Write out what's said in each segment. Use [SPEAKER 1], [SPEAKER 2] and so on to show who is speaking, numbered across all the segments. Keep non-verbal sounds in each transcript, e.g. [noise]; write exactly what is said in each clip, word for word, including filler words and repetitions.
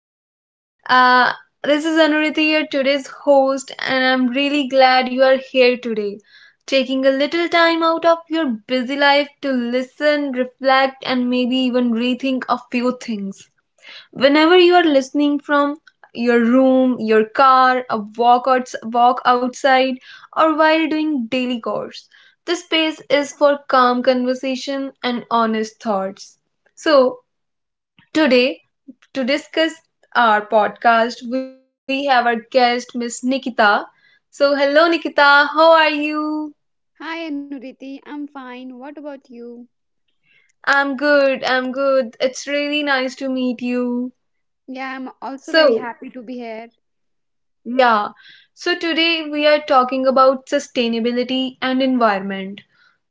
[SPEAKER 1] episode. Uh, this is Anuriti, your today's host, and I'm really glad you are here today, taking a little time out of your busy life to listen, reflect, and maybe even rethink a few things. Whenever you are listening from your room, your car, a walk, outs- walk outside, or while doing daily chores, this space is for calm conversation and honest thoughts. So, today, to discuss our podcast, we have our guest, Miss Nikita. So, hello, Nikita. How are you?
[SPEAKER 2] Hi Anuriti, I'm fine. What about you?
[SPEAKER 1] I'm good. I'm good. It's really nice to meet you.
[SPEAKER 2] Yeah, I'm also
[SPEAKER 1] So,
[SPEAKER 2] very happy to be here.
[SPEAKER 1] yeah. So, today we are talking about sustainability and environment.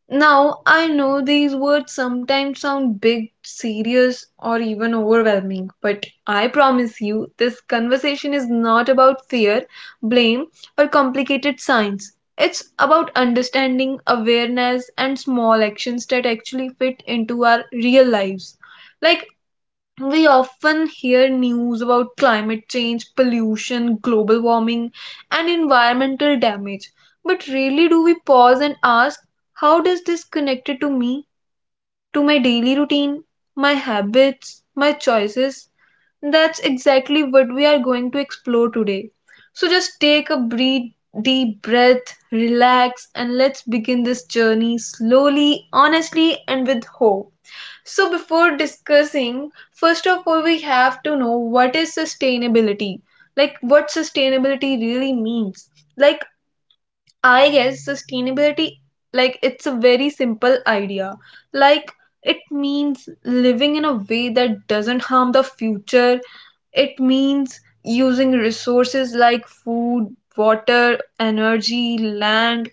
[SPEAKER 1] Now, I know these words sometimes sound big, serious, or even overwhelming, but I promise you this conversation is not about fear, blame, or complicated science. It's about understanding, awareness, and small actions that actually fit into our real lives. Like, we often hear news about climate change, pollution, global warming, and environmental damage, but rarely do we pause and ask, how does this connected to me, to my daily routine, my habits, my choices? That's exactly what we are going to explore today. So just take a breathe, deep breath, relax, and let's begin this journey slowly, honestly, and with hope. So before discussing, first of all, we have to know what is sustainability. Like what sustainability really means. Like, I guess sustainability, like, it's a very simple idea. Like, it means living in a way that doesn't harm the future. It means using resources like food, water, energy, land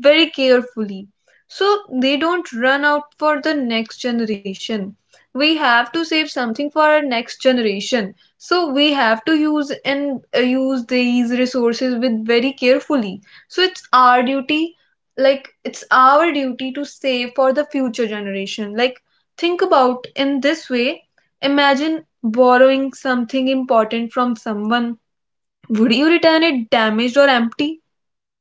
[SPEAKER 1] very carefully so they don't run out for the next generation. We have to save something for our next generation, so we have to use and uh, use these resources with very carefully. So it's our duty, like, it's our duty to save for the future generation. Like, think about in this way. Imagine borrowing something important from someone. Would you return it damaged or empty?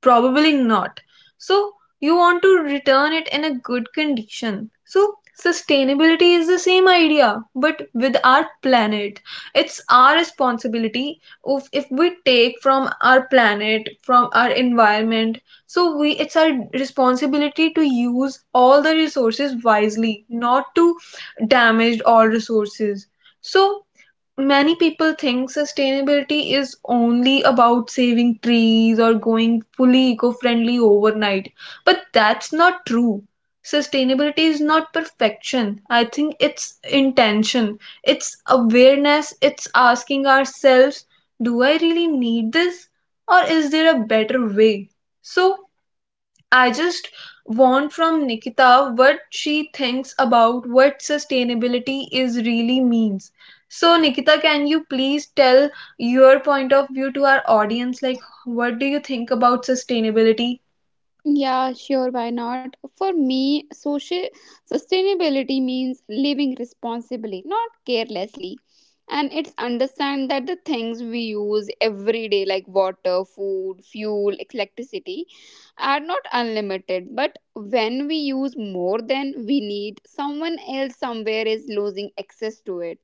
[SPEAKER 1] Probably not. So, you want to return it in a good condition. So, sustainability is the same idea, but with our planet. It's our responsibility of if we take from our planet, from our environment. So, we it's our responsibility to use all the resources wisely, not to damage all resources. So, many people think sustainability is only about saving trees or going fully eco-friendly overnight, but that's not true. Sustainability is not perfection. I think it's intention, it's awareness. It's asking ourselves, do I really need this, or is there a better way? So I just want from Nikita what she thinks about what sustainability is really means. So Nikita, can you please tell your point of view to our audience? Like, what do you think about sustainability?
[SPEAKER 2] Yeah, sure, why not? For me, social sustainability means living responsibly, not carelessly. And it's understand that the things we use every day like water, food, fuel, electricity are not unlimited, but when we use more than we need, someone else somewhere is losing access to it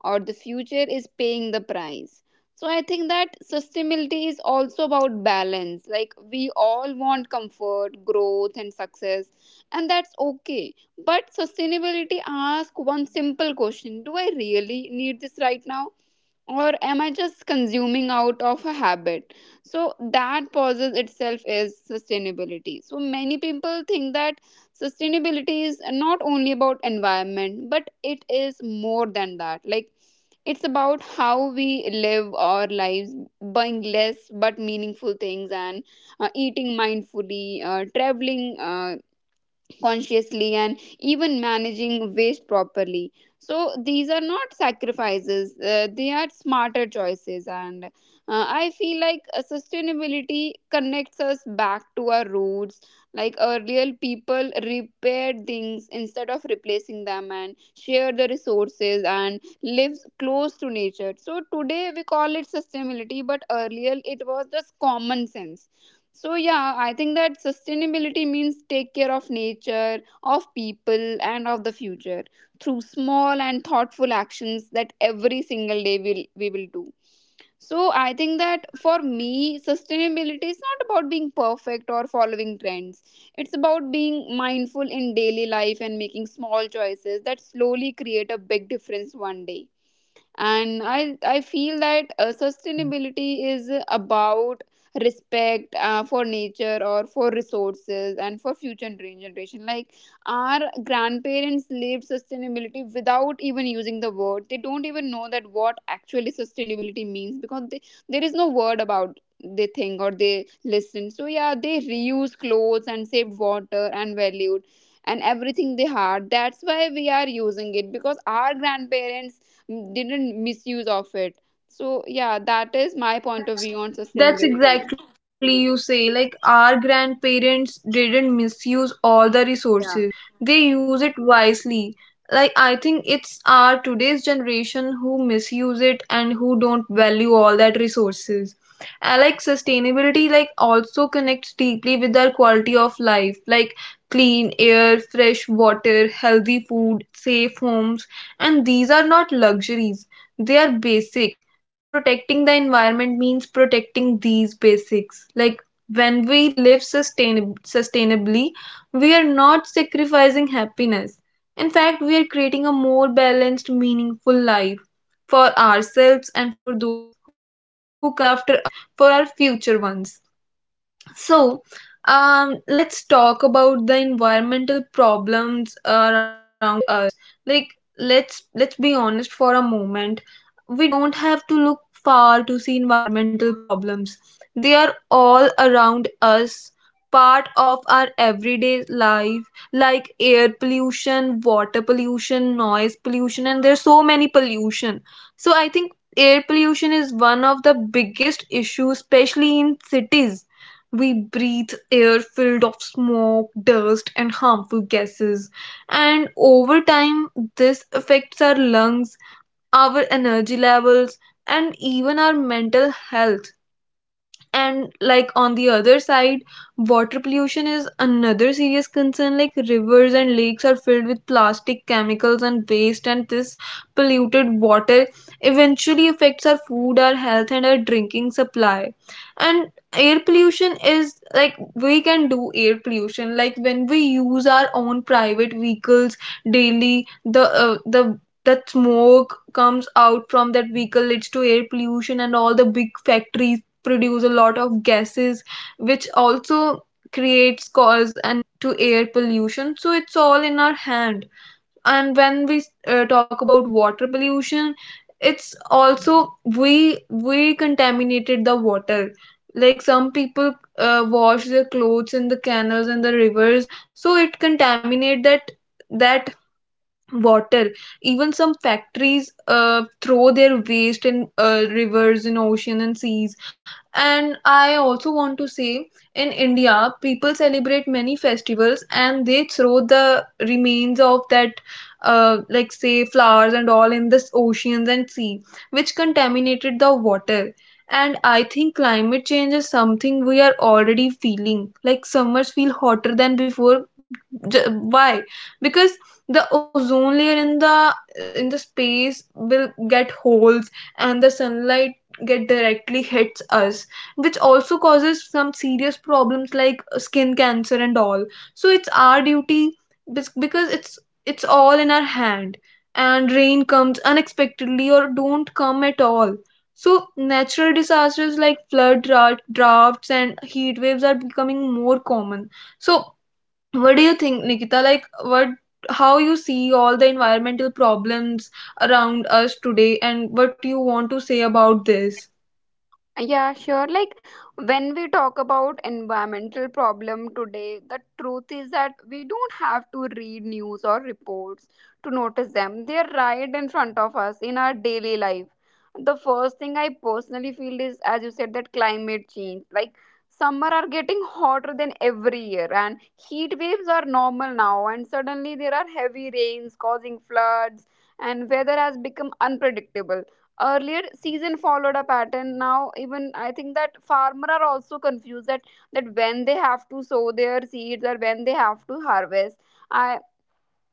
[SPEAKER 2] or the future is paying the price. So I think that sustainability is also about balance. Like we all want comfort, growth, and success, and that's okay. But sustainability asks one simple question: Do I really need this right now? Or am I just consuming out of a habit? So that pauses itself is sustainability. So many people think that sustainability is not only about environment but it is more than that. Like it's about how we live our lives, buying less but meaningful things and uh, eating mindfully, uh, traveling uh, consciously and even managing waste properly. So these are not sacrifices, uh, they are smarter choices. And uh, I feel like uh, sustainability connects us back to our roots. Like earlier people repaired things instead of replacing them and share the resources and lives close to nature. So today we call it sustainability, but earlier it was just common sense. So yeah, I think that sustainability means take care of nature, of people and of the future through small and thoughtful actions that every single day will we will do. So I think that for me sustainability is not about being perfect or following trends. It's about being mindful in daily life and making small choices that slowly create a big difference one day. And i i feel that uh, sustainability is about respect uh, for nature or for resources and for future gen- generation. Like our grandparents lived sustainability without even using the word. They don't even know that what actually sustainability means, because they, there is no word about they think or they listen So yeah, they reuse clothes and saved water and valued and everything they had. That's why we are using it, because our grandparents m- didn't misuse of it. So yeah, that is my point of view on
[SPEAKER 1] That's
[SPEAKER 2] sustainability.
[SPEAKER 1] that's exactly you say. Like, our grandparents didn't misuse all the
[SPEAKER 2] Yeah.
[SPEAKER 1] resources. They use it wisely. Like, I think it's our today's generation who misuse it and who don't value all that resources. And like, sustainability, like, also connects deeply with our quality of life, like clean air, fresh water, healthy food, safe homes, and these are not luxuries. They are basic, and protecting the environment means protecting these basics. Like, when we live sustain- sustainably, we are not sacrificing happiness. In fact, we are creating a more balanced, meaningful life for ourselves and for those who comes after us, for our future ones. So, um, let's talk about the environmental problems around us. Like, let's let's be honest for a moment. We don't have to look far to see environmental problems. They are all around us, part of our everyday life, like air pollution, water pollution, noise pollution, and there's so many pollution. So I think air pollution is one of the biggest issues, especially in cities. We breathe air filled of smoke, dust, and harmful gases. And over time, this affects our lungs, our energy levels, and even our mental health. And like, on the other side, water pollution is another serious concern. Like, rivers and lakes are filled with plastic, chemicals, and waste, and this polluted water eventually affects our food, our health, and our drinking supply. And air pollution is like, we can do air pollution like when we use our own private vehicles daily, the uh, the that smoke comes out from that vehicle leads to air pollution, and all the big factories produce a lot of gases which also creates cause and to air pollution. So it's all in our hand. And when we uh, talk about water pollution, it's also we we contaminated the water. Like, some people uh, wash their clothes in the canals and the rivers, so it contaminate that that water. Even some factories uh, throw their waste in uh, rivers, in ocean and seas. And I also want to say, in India, people celebrate many festivals and they throw the remains of that, uh, like say flowers and all, in the oceans and sea, which contaminated the water. And I think climate change is something we are already feeling. Like, summers feel hotter than before. J- why? Because the ozone layer in the in the space will get holes, and the sunlight get directly hits us, which also causes some serious problems like skin cancer and all. So it's our duty, bes- because it's it's all in our hand. And rain comes unexpectedly or don't come at all. So natural disasters like flood, dra- droughts, and heat waves are becoming more common. So what do you think, Nikita? Like, what, how you see all the environmental problems around us today, and what do you want to say about this?
[SPEAKER 2] Yeah, sure. Like when we talk about environmental problem today, the truth is that we don't have to read news or reports to notice them. They're right in front of us in our daily life. The first thing I personally feel is, as you said, that climate change. Like summer are getting hotter than every year, and heat waves are normal now. And suddenly there are heavy rains causing floods, and weather has become unpredictable. Earlier season followed a pattern. Now even I think that farmer are also confused that that when they have to sow their seeds or when they have to harvest. i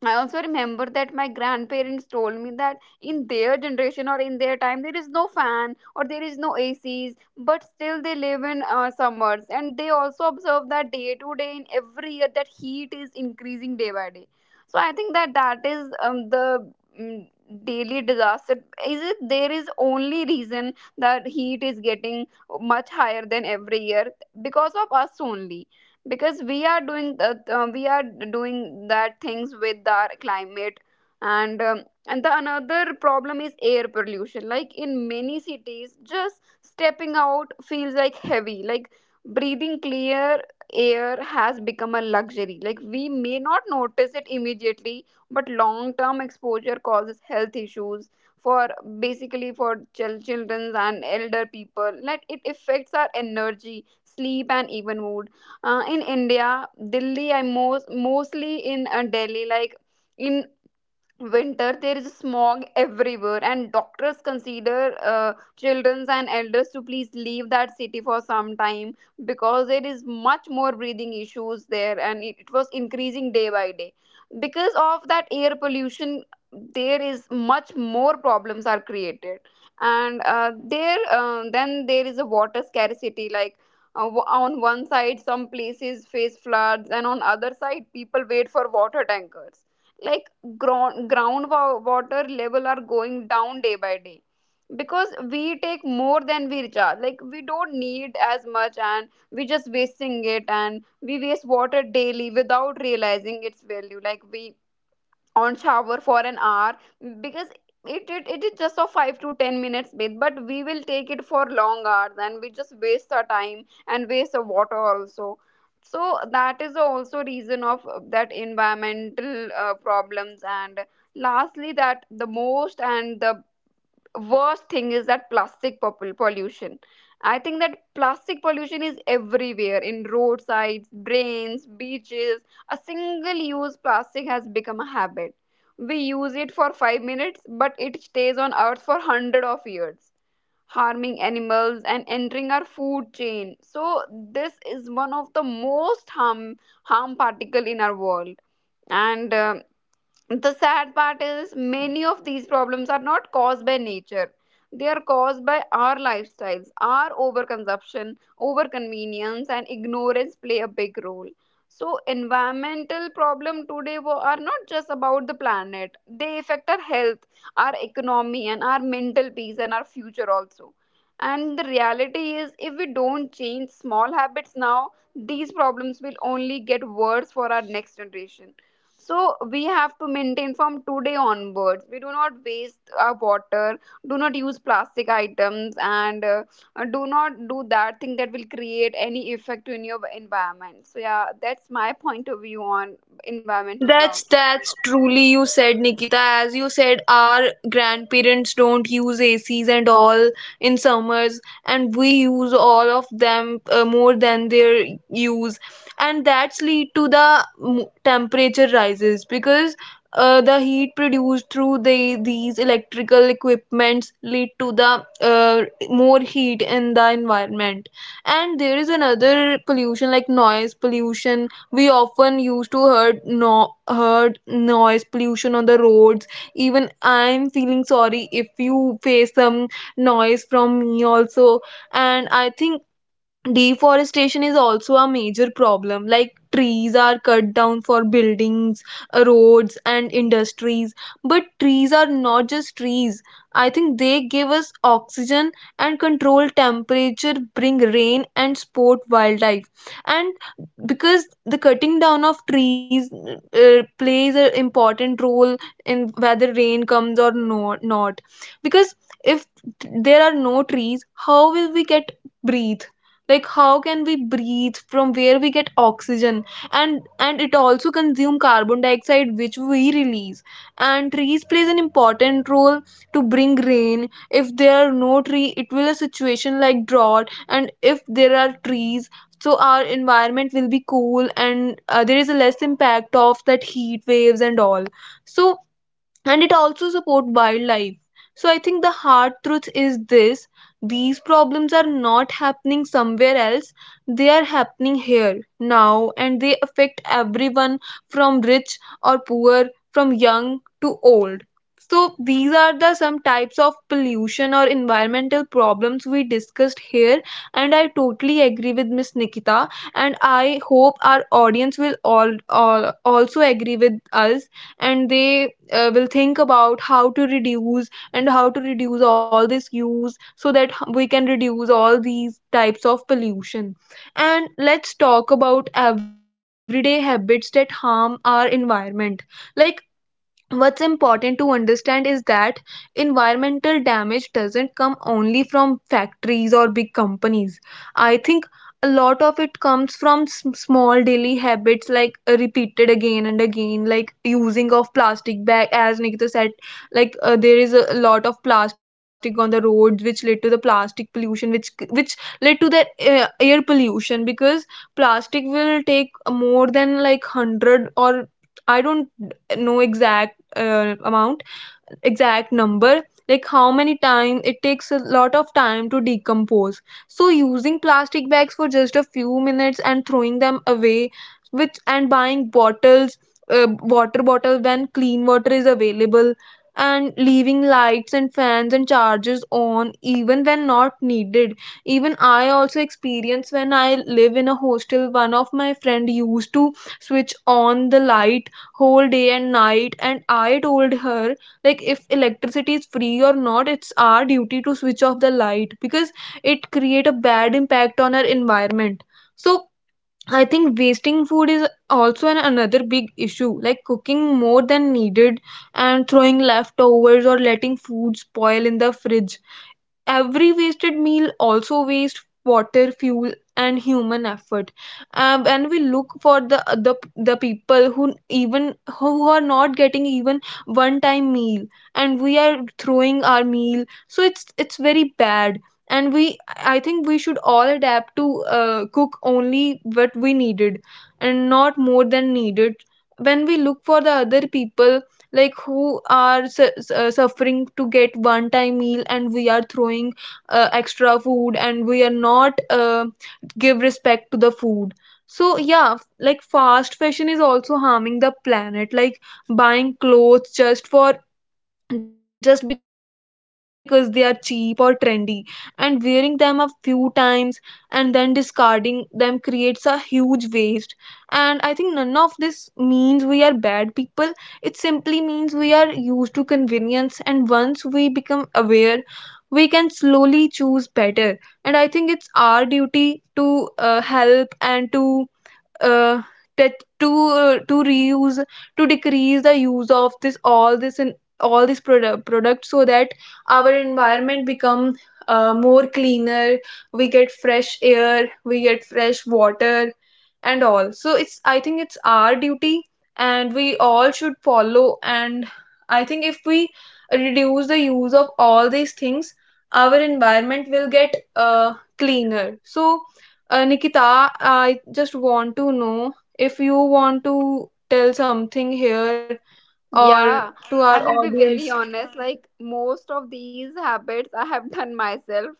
[SPEAKER 2] I also remember that my grandparents told me that in their generation or in their time there is no fan or there is no A Cs, but still they live in uh, summers, and they also observe that day to day in every year that heat is increasing day by day. So I think that that is um, the mm, daily disaster. Is it there is only reason that heat is getting much higher than every year, because of us only, because we are doing the, uh, we are doing that things with our climate. And um, and the another problem is air pollution. Like in many cities just stepping out feels like heavy, like breathing clear air has become a luxury. Like we may not notice it immediately, but long term exposure causes health issues for basically for chil- children and elder people. Like it affects our energy sleep and even mood. Uh, in India, Delhi, I most mostly in uh, Delhi. Like in winter there is smog everywhere, and doctors consider uh, children and elders to please leave that city for some time, because there is much more breathing issues there, and it, it was increasing day by day because of that air pollution. There is much more problems are created. And uh, there uh, then there is a water scarcity. Like uh, w- on one side some places face floods, and on other side people wait for water tankers. Like ground groundwater level are going down day by day, because we take more than we recharge. Like we don't need as much and we just wasting it, and we waste water daily without realizing its value. Like we on shower for an hour, because it, it it is just a five to ten minutes bath, but we will take it for long hours, and we just waste our time and waste the water also. So that is also reason of uh, that environmental uh, problems. And lastly that the most and the worst thing is that plastic popul- pollution. I think that plastic pollution is everywhere in roadsides, drains, beaches. A single use plastic has become a habit. We use it for five minutes, but it stays on earth for hundred of years, harming animals and entering our food chain. So this is one of the most harm harm particle in our world. And um the sad part is many of these problems are not caused by nature. They are caused by our lifestyles. Our overconsumption, overconvenience, and ignorance play a big role. So, environmental problem today wo- are not just about the planet. They affect our health, our economy, and our mental peace and our future also. And the reality is, if we don't change small habits now, these problems will only get worse for our next generation. So we have to maintain from today onwards we do not waste our water, do not use plastic items, and uh, do not do that thing that will create any effect in your environment. So yeah, that's my point of view on environmental.
[SPEAKER 1] That's that's truly you said, Nikita. As you said, our grandparents don't use A Cs and all in summers, and we use all of them uh, more than their use, and that's lead to the m- temperature rises because uh, the heat produced through the these electrical equipments lead to the uh, more heat in the environment. And there is another pollution like noise pollution. We often used to heard, no, heard noise pollution on the roads. Even I'm feeling sorry if you face some noise from me also. And I think deforestation is also a major problem, like trees are cut down for buildings, roads, and industries. But trees are not just trees. I think they give us oxygen and control temperature, bring rain, and support wildlife. And because the cutting down of trees uh, plays an important role in whether rain comes or no, not. Because if there are no trees, how will we get breathe? Like, how can we breathe, from where we get oxygen? and and it also consume carbon dioxide which we release. And trees plays an important role to bring rain. If there are no tree, it will a situation like drought, and if there are trees, so our environment will be cool, and uh, there is a less impact of that heat waves and all. So, and it also support wildlife. So I think the hard truth is this: these problems are not happening somewhere else. They are happening here now, and they affect everyone, from rich or poor, from young to old. So these are the some types of pollution or environmental problems we discussed here, and I totally agree with Miss Nikita, and I hope our audience will all, all also agree with us, and they uh, will think about how to reduce and how to reduce all this use so that we can reduce all these types of pollution. And let's talk about everyday habits that harm our environment. Like, what's important to understand is that environmental damage doesn't come only from factories or big companies. I think a lot of it comes from s- small daily habits, like uh, repeated again and again, like using of plastic bag, as Nikita said. Like, uh, there is a lot of plastic on the roads which led to the plastic pollution, which which led to the uh, air pollution, because plastic will take more than like one hundred, or I don't, no exact uh, amount, exact number, like how many time, it takes a lot of time to decompose. So using plastic bags for just a few minutes and throwing them away, which and buying bottles, uh, water bottle, when clean water is available, and leaving lights and fans and chargers on even when not needed. Even I also experience, when I live in a hostel, one of my friend used to switch on the light whole day and night, and I told her, like, if electricity is free or not, it's our duty to switch off the light, because it create a bad impact on our environment. So I think wasting food is also an, another big issue, like cooking more than needed and throwing leftovers or letting food spoil in the fridge. Every wasted meal also wastes water, fuel, and human effort. Um, and we look for the, the the people who even who are not getting even one time meal, and we are throwing our meal, so it's it's very bad. And we I think we should all adapt to uh, cook only what we needed, and not more than needed, when we look for the other people, like who are su- su- uh, suffering to get one time meal, and we are throwing uh, extra food, and we are not uh, give respect to the food. So, yeah, f- like fast fashion is also harming the planet, like buying clothes just for just because they are cheap or trendy, and wearing them a few times, and then discarding them creates a huge waste. And I think none of this means we are bad people. It simply means we are used to convenience, and once we become aware, we can slowly choose better. And I think it's our duty to uh, help, and to uh, that to uh, to reuse, to decrease the use of this all this, and all these product products, so that our environment become uh, more cleaner. We get fresh air, we get fresh water, and all. So it's, I think, it's our duty, and we all should follow. And I think if we reduce the use of all these things, our environment will get uh, cleaner. So, uh, Nikita, I just want to know if you want to tell something here, or
[SPEAKER 2] Yeah,
[SPEAKER 1] to our
[SPEAKER 2] I will be very
[SPEAKER 1] audience.
[SPEAKER 2] honest. Like most of these habits I have done myself,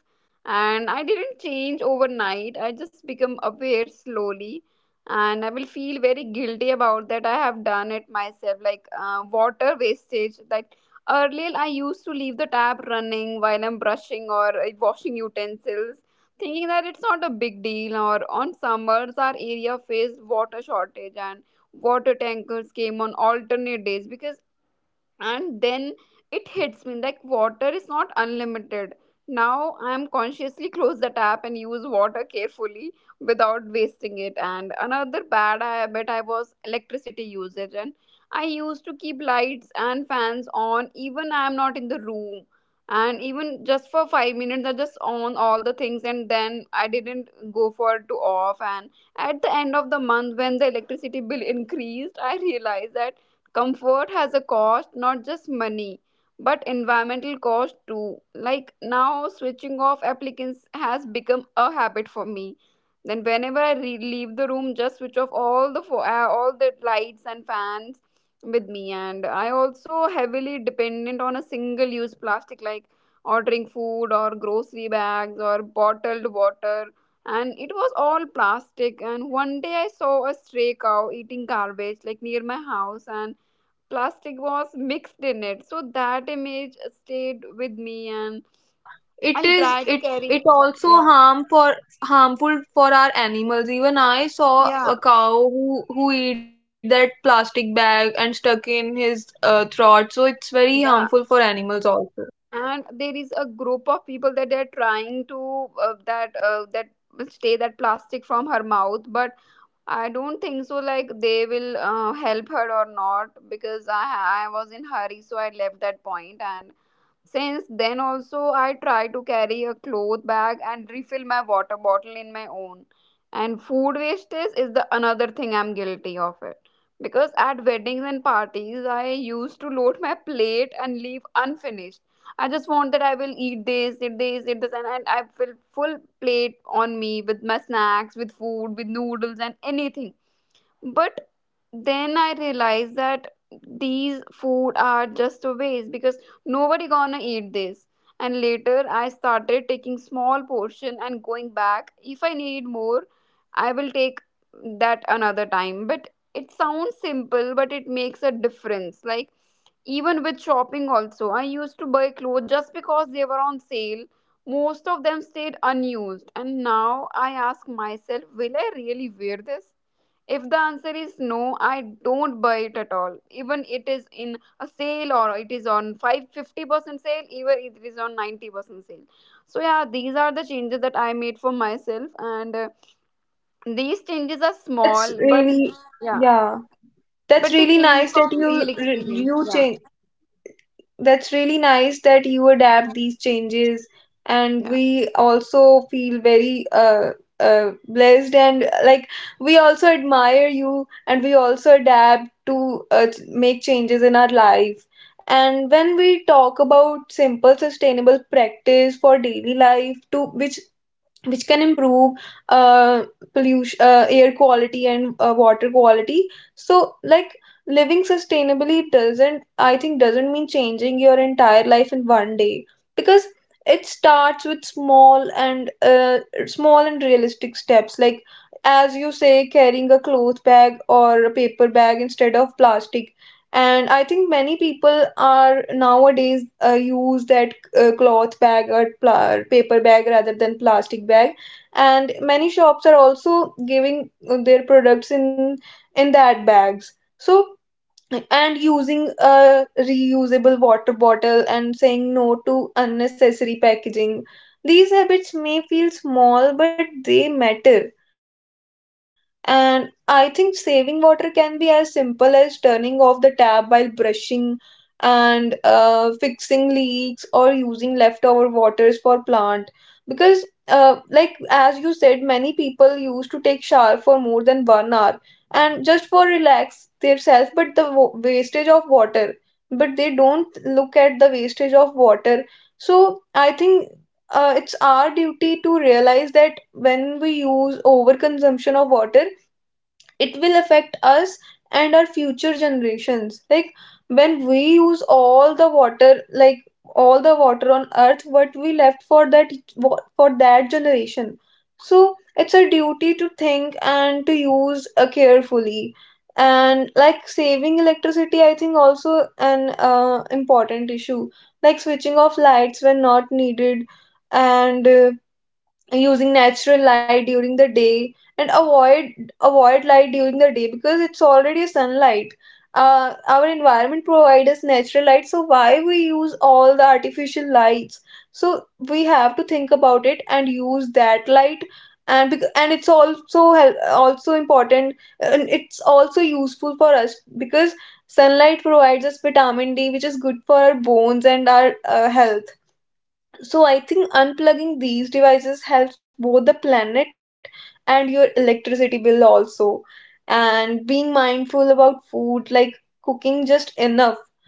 [SPEAKER 2] and I didn't change overnight. I just become aware slowly, and I will feel very guilty about that I have done it myself. Like uh, water wastage. Like earlier I used to leave the tap running while I'm brushing or uh, washing utensils, thinking that it's not a big deal. Or on summers our area faced water shortage and water tankers came on alternate days, because and then it hits me like water is not unlimited. Now I am consciously [laughs] close the tap and use water carefully without wasting it. And another bad habit I was electricity usage, and I used to keep lights and fans on even I am not in the room, and even just for five minutes I just on all the things and then I didn't go for to off. And at the end of the month when the electricity bill [laughs] increased, I realized that comfort has a cost, not just money, but environmental cost too. Like now, switching off applicants has become a habit for me. Then whenever I re- leave the room, just switch off all the fo- uh, all the lights and fans with me. And I also heavily dependent on a single use plastic, like ordering food or grocery bags or bottled water, and it was all plastic. And one day I saw a stray cow eating garbage like near my house, and plastic was mixed in it. So that image stayed with me, and
[SPEAKER 1] Yeah, it
[SPEAKER 2] I'll
[SPEAKER 1] is.
[SPEAKER 2] try to
[SPEAKER 1] It
[SPEAKER 2] carry. Yeah,
[SPEAKER 1] also
[SPEAKER 2] yeah,
[SPEAKER 1] harm for harmful for our animals. Even I saw
[SPEAKER 2] yeah.
[SPEAKER 1] a cow who who eat that plastic bag and stuck in his uh, throat, so it's very harmful for
[SPEAKER 2] Yeah.
[SPEAKER 1] animals also.
[SPEAKER 2] And there is a group of people that they're trying to uh, that uh, that stay that plastic from her mouth, but I don't think so. Like they will uh, help her or not, because I I was in hurry, so I left that point. And since then, also, I try to carry a cloth bag and refill my water bottle in my own. And food wastage is the another thing I'm guilty of it. Because at weddings and parties, I used to load my plate and leave unfinished. I just want that I will eat this, eat this, eat this, and, and I will full plate on me with my snacks, with food, with noodles, and anything. But then I realized that these food are just a waste, because nobody gonna eat this. And later I started taking small portion and going back. If I need more, I will take that another time. But it sounds simple, but it makes a difference. Like even with shopping also I used to buy clothes just because they were on sale. Most of them stayed unused, and now I ask myself will I really wear this. If the answer is no, I don't buy it at all. Even it is in a sale or it is on five fifty percent sale, even it is on ninety percent sale. So yeah, these are the changes that I made for myself, and uh, these changes are
[SPEAKER 1] That's
[SPEAKER 2] small but
[SPEAKER 1] really
[SPEAKER 2] yeah,
[SPEAKER 1] yeah that's
[SPEAKER 2] but they
[SPEAKER 1] really
[SPEAKER 2] came
[SPEAKER 1] nice that
[SPEAKER 2] from
[SPEAKER 1] you
[SPEAKER 2] real experience.
[SPEAKER 1] you
[SPEAKER 2] Yeah.
[SPEAKER 1] change That's really nice that you adapt these changes. And
[SPEAKER 2] Yeah.
[SPEAKER 1] we also feel very uh, uh, blessed, and like, we also admire you, and we also adapt to uh, ch- make changes in our life. And when we talk about simple sustainable practice for daily life to which which can improve uh, pollution, uh, air quality, and uh, water quality. So, like, living sustainably doesn't, I think, doesn't mean changing your entire life in one day, because it starts with small and uh, small and realistic steps, like, as you say, carrying a cloth bag or a paper bag instead of plastic. And I think many people are nowadays uh, use that uh, cloth bag or pla- paper bag rather than plastic bag, and many shops are also giving uh, their products in in that bags, so. And using a reusable water bottle and saying no to unnecessary packaging. These habits may feel small, but they matter. And I think saving water can be as simple as turning off the tap while brushing, and uh, fixing leaks, or using leftover waters for plant. Because, uh, like, as you said, many people used to take shower for more than one hour and just for relax themselves, but the wa- wastage of water, but they don't look at the wastage of water. So I think uh, it's our duty to realize that when we use overconsumption of water, it will affect us and our future generations, like when we use all the water, like all the water on earth, what we left for that for that generation. So it's our duty to think and to use uh, carefully. And like, saving electricity I think also an uh, important issue, like switching off lights when not needed, and uh, using natural light during the day, and avoid avoid light during the day because it's already sunlight. Uh, our environment provides us natural light, so why we use all the artificial lights? So we have to think about it and use that light. And bec- and it's also hel- also important, and it's also useful for us, because sunlight provides us vitamin D, which is good for our bones and our uh, health. So I think unplugging these devices helps both the planet and your electricity bill also. And being mindful about food, like cooking just enough,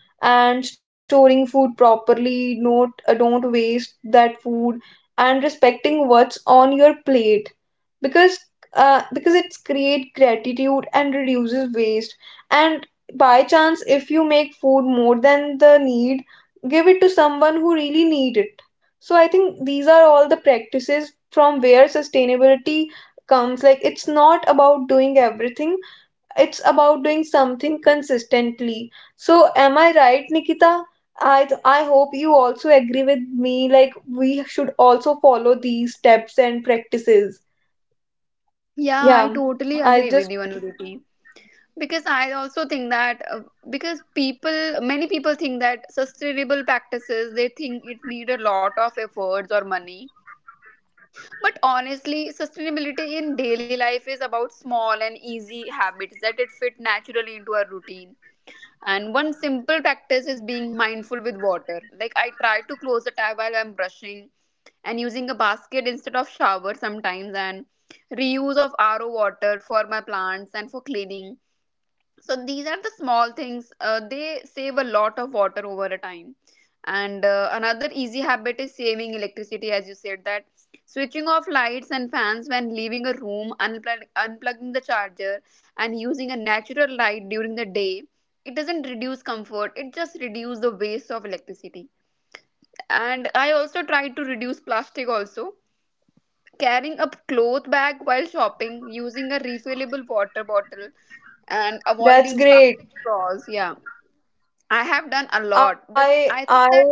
[SPEAKER 1] and storing food properly, not uh, don't waste that food, and respecting what's on your plate, because uh, because it's create gratitude and reduces waste. And by chance, if you make food more than the need, give it to someone who really need it. So I think these are all the practices from where sustainability comes. Like, it's not about doing everything, it's about doing something consistently. So am I right, Nikita? I I hope you also agree with me, like we should also follow these steps and practices.
[SPEAKER 2] Yeah, I
[SPEAKER 1] Yeah.
[SPEAKER 2] totally
[SPEAKER 1] I
[SPEAKER 2] agree with
[SPEAKER 1] just
[SPEAKER 2] you, Anuriti. Because I also think that uh, because people, many people think that sustainable practices, they think it need a lot of efforts or money. But honestly, sustainability in daily life is about small and easy habits that it fit naturally into our routine. And one simple practice is being mindful with water. Like I try to close the tap while I'm brushing and using a basket instead of shower sometimes, and reuse of R O water for my plants and for cleaning. So these are the small things, uh, they save a lot of water over a time. And uh, another easy habit is saving electricity, as you said, that switching off lights and fans when leaving a room, unplug- unplugging the charger and using a natural light during the day. It doesn't reduce comfort, it just reduces the waste of electricity. And I also try to reduce plastic also, carrying a cloth bag
[SPEAKER 1] that's
[SPEAKER 2] while shopping, using a refillable water bottle, and
[SPEAKER 1] that's
[SPEAKER 2] avoiding
[SPEAKER 1] great.
[SPEAKER 2] plastic straws. Yeah, I have done a lot, but
[SPEAKER 1] I
[SPEAKER 2] I think
[SPEAKER 1] I
[SPEAKER 2] that,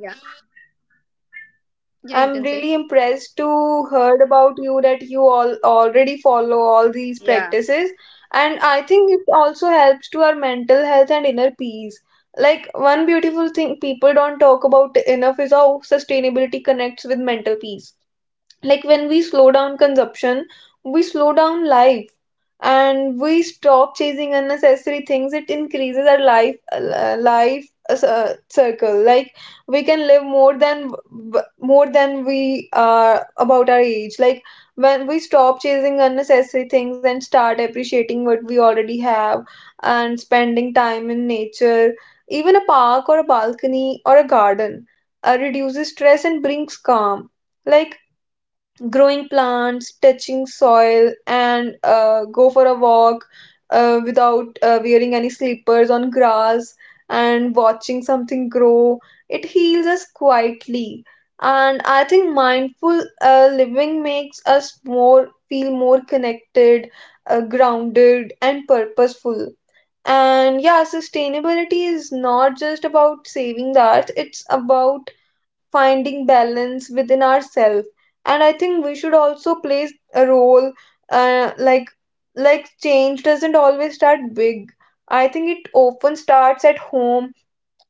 [SPEAKER 2] yeah, yeah, you
[SPEAKER 1] I'm
[SPEAKER 2] can say,
[SPEAKER 1] really impressed to heard about you that you all already follow all these
[SPEAKER 2] yeah.
[SPEAKER 1] practices, and I think it also helps to our mental health and inner peace. Like, one beautiful thing people don't talk about enough is how sustainability connects with mental peace. Like when we slow down consumption, we slow down life, and we stop chasing unnecessary things, it increases our life uh, life uh, circle, like we can live more than more than we are about our age. Like when we stop chasing unnecessary things and start appreciating what we already have, and spending time in nature, even a park or a balcony or a garden, uh, reduces stress and brings calm. Like growing plants, touching soil, and uh, go for a walk uh, without uh, wearing any slippers on grass, and watching something grow. It heals us quietly. And I think mindful uh, living makes us more feel more connected, uh, grounded, and purposeful. And yeah, sustainability is not just about saving the earth, it's about finding balance within ourselves. And I think we should also play a role, uh, like like change doesn't always start big. I think it often starts at home.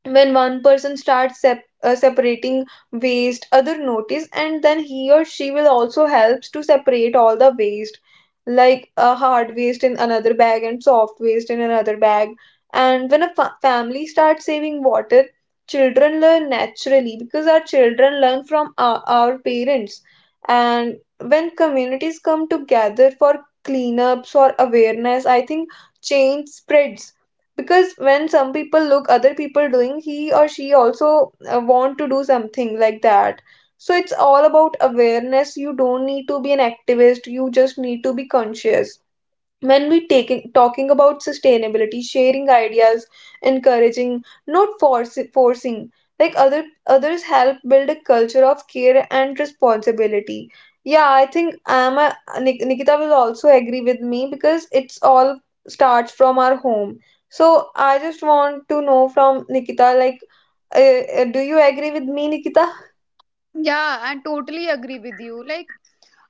[SPEAKER 1] When one person starts sep- uh, separating waste, other notice, and then he or she will also helps to separate all the waste, like a hard waste in another bag and soft waste in another bag. And when a fa- family starts saving water, children learn naturally, because our children learn from our, our parents. And when communities come together for cleanups or awareness, I think change spreads, because when some people look other people doing, he or she also uh, want to do something like that. So it's all about awareness. You don't need to be an activist, you just need to be conscious when we taking talking about sustainability, sharing ideas, encouraging, not forci- forcing, like other others help build a culture of care and responsibility. Yeah, I think i'm a, Nik- Nikita will also agree with me, because it's all starts from our home. So I just want to know from Nikita, like, uh, uh, do you agree with me, Nikita?
[SPEAKER 2] Yeah, I totally agree with you. Like,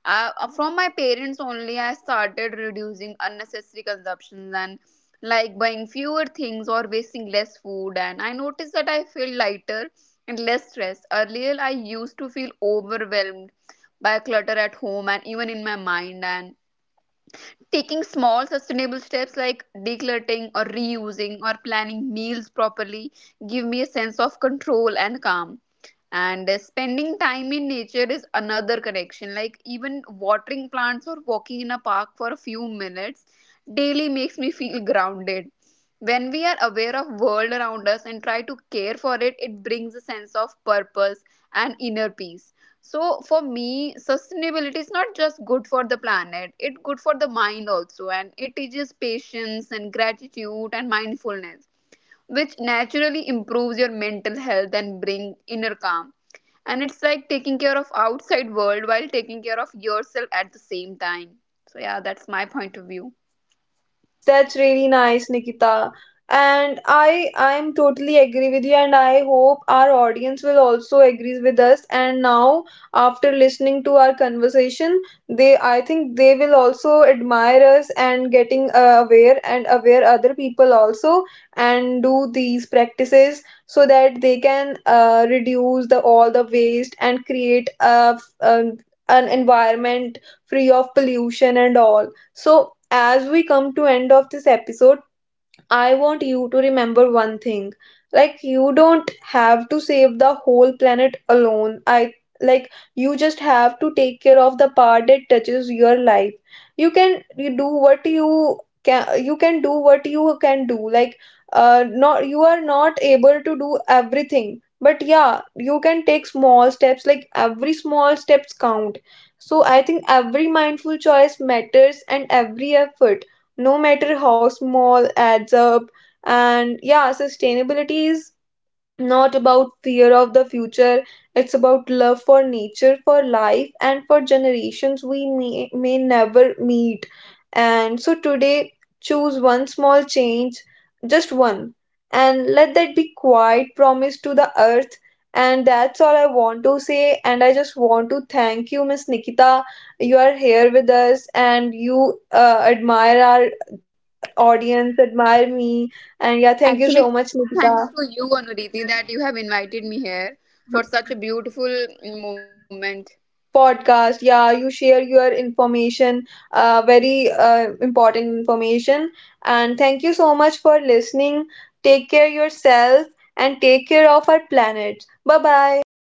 [SPEAKER 2] uh, uh, from my parents only I started reducing unnecessary consumptions, and like buying fewer things or wasting less food, and I noticed that I feel lighter and less stressed. Earlier I used to feel overwhelmed by clutter at home and even in my mind. And taking small sustainable steps like decluttering or reusing or planning meals properly give me a sense of control and calm. And uh, spending time in nature is another connection, like even watering plants or walking in a park for a few minutes daily makes me feel grounded. When we are aware of world around us and try to care for it, it brings a sense of purpose and inner peace. So for me sustainability is not just good for the planet, it's good for the mind also, and it teaches patience and gratitude and mindfulness, which naturally improves your mental health and bring inner calm. And it's like taking care of outside world while taking care of yourself at the same time. So yeah, that's my point of view.
[SPEAKER 1] That's that's really nice, Nikita. And I I'm totally agree with you, and I hope our audience will also agree with us. And now, after listening to our conversation, they, I think, they will also admire us, and getting uh, aware, and aware other people also, and do these practices so that they can uh, reduce the all the waste, and create a, f- um an environment free of pollution and all. So as we come to end of this episode, I want you to remember one thing. Like, you don't have to save the whole planet alone. I, like, you just have to take care of the part that touches your life. You can you do what you can you can do what you can do. Like, uh not, you are not able to do everything. But yeah, you can take small steps. Like, every small steps count. So I think every mindful choice matters, and every effort, no matter how small, adds up. And yeah, sustainability is not about fear of the future, it's about love for nature, for life, and for generations we may, may never meet. And so today, choose one small change, just one, and let that be quiet promise to the earth. And that's all I want to say, and I just want to thank you, Miss Nikita. You are here with us, and you uh, admire our audience, admire me. And yeah, thank
[SPEAKER 2] Actually
[SPEAKER 1] you so
[SPEAKER 2] thanks
[SPEAKER 1] much,
[SPEAKER 2] to you
[SPEAKER 1] Nikita.
[SPEAKER 2] Anuriti that you have invited me here for such a beautiful mm, moment.
[SPEAKER 1] Podcast. Yeah, you share your information, uh, very uh, important information. And thank you so much for listening. Take care yourself, and take care of our planet. Bye bye.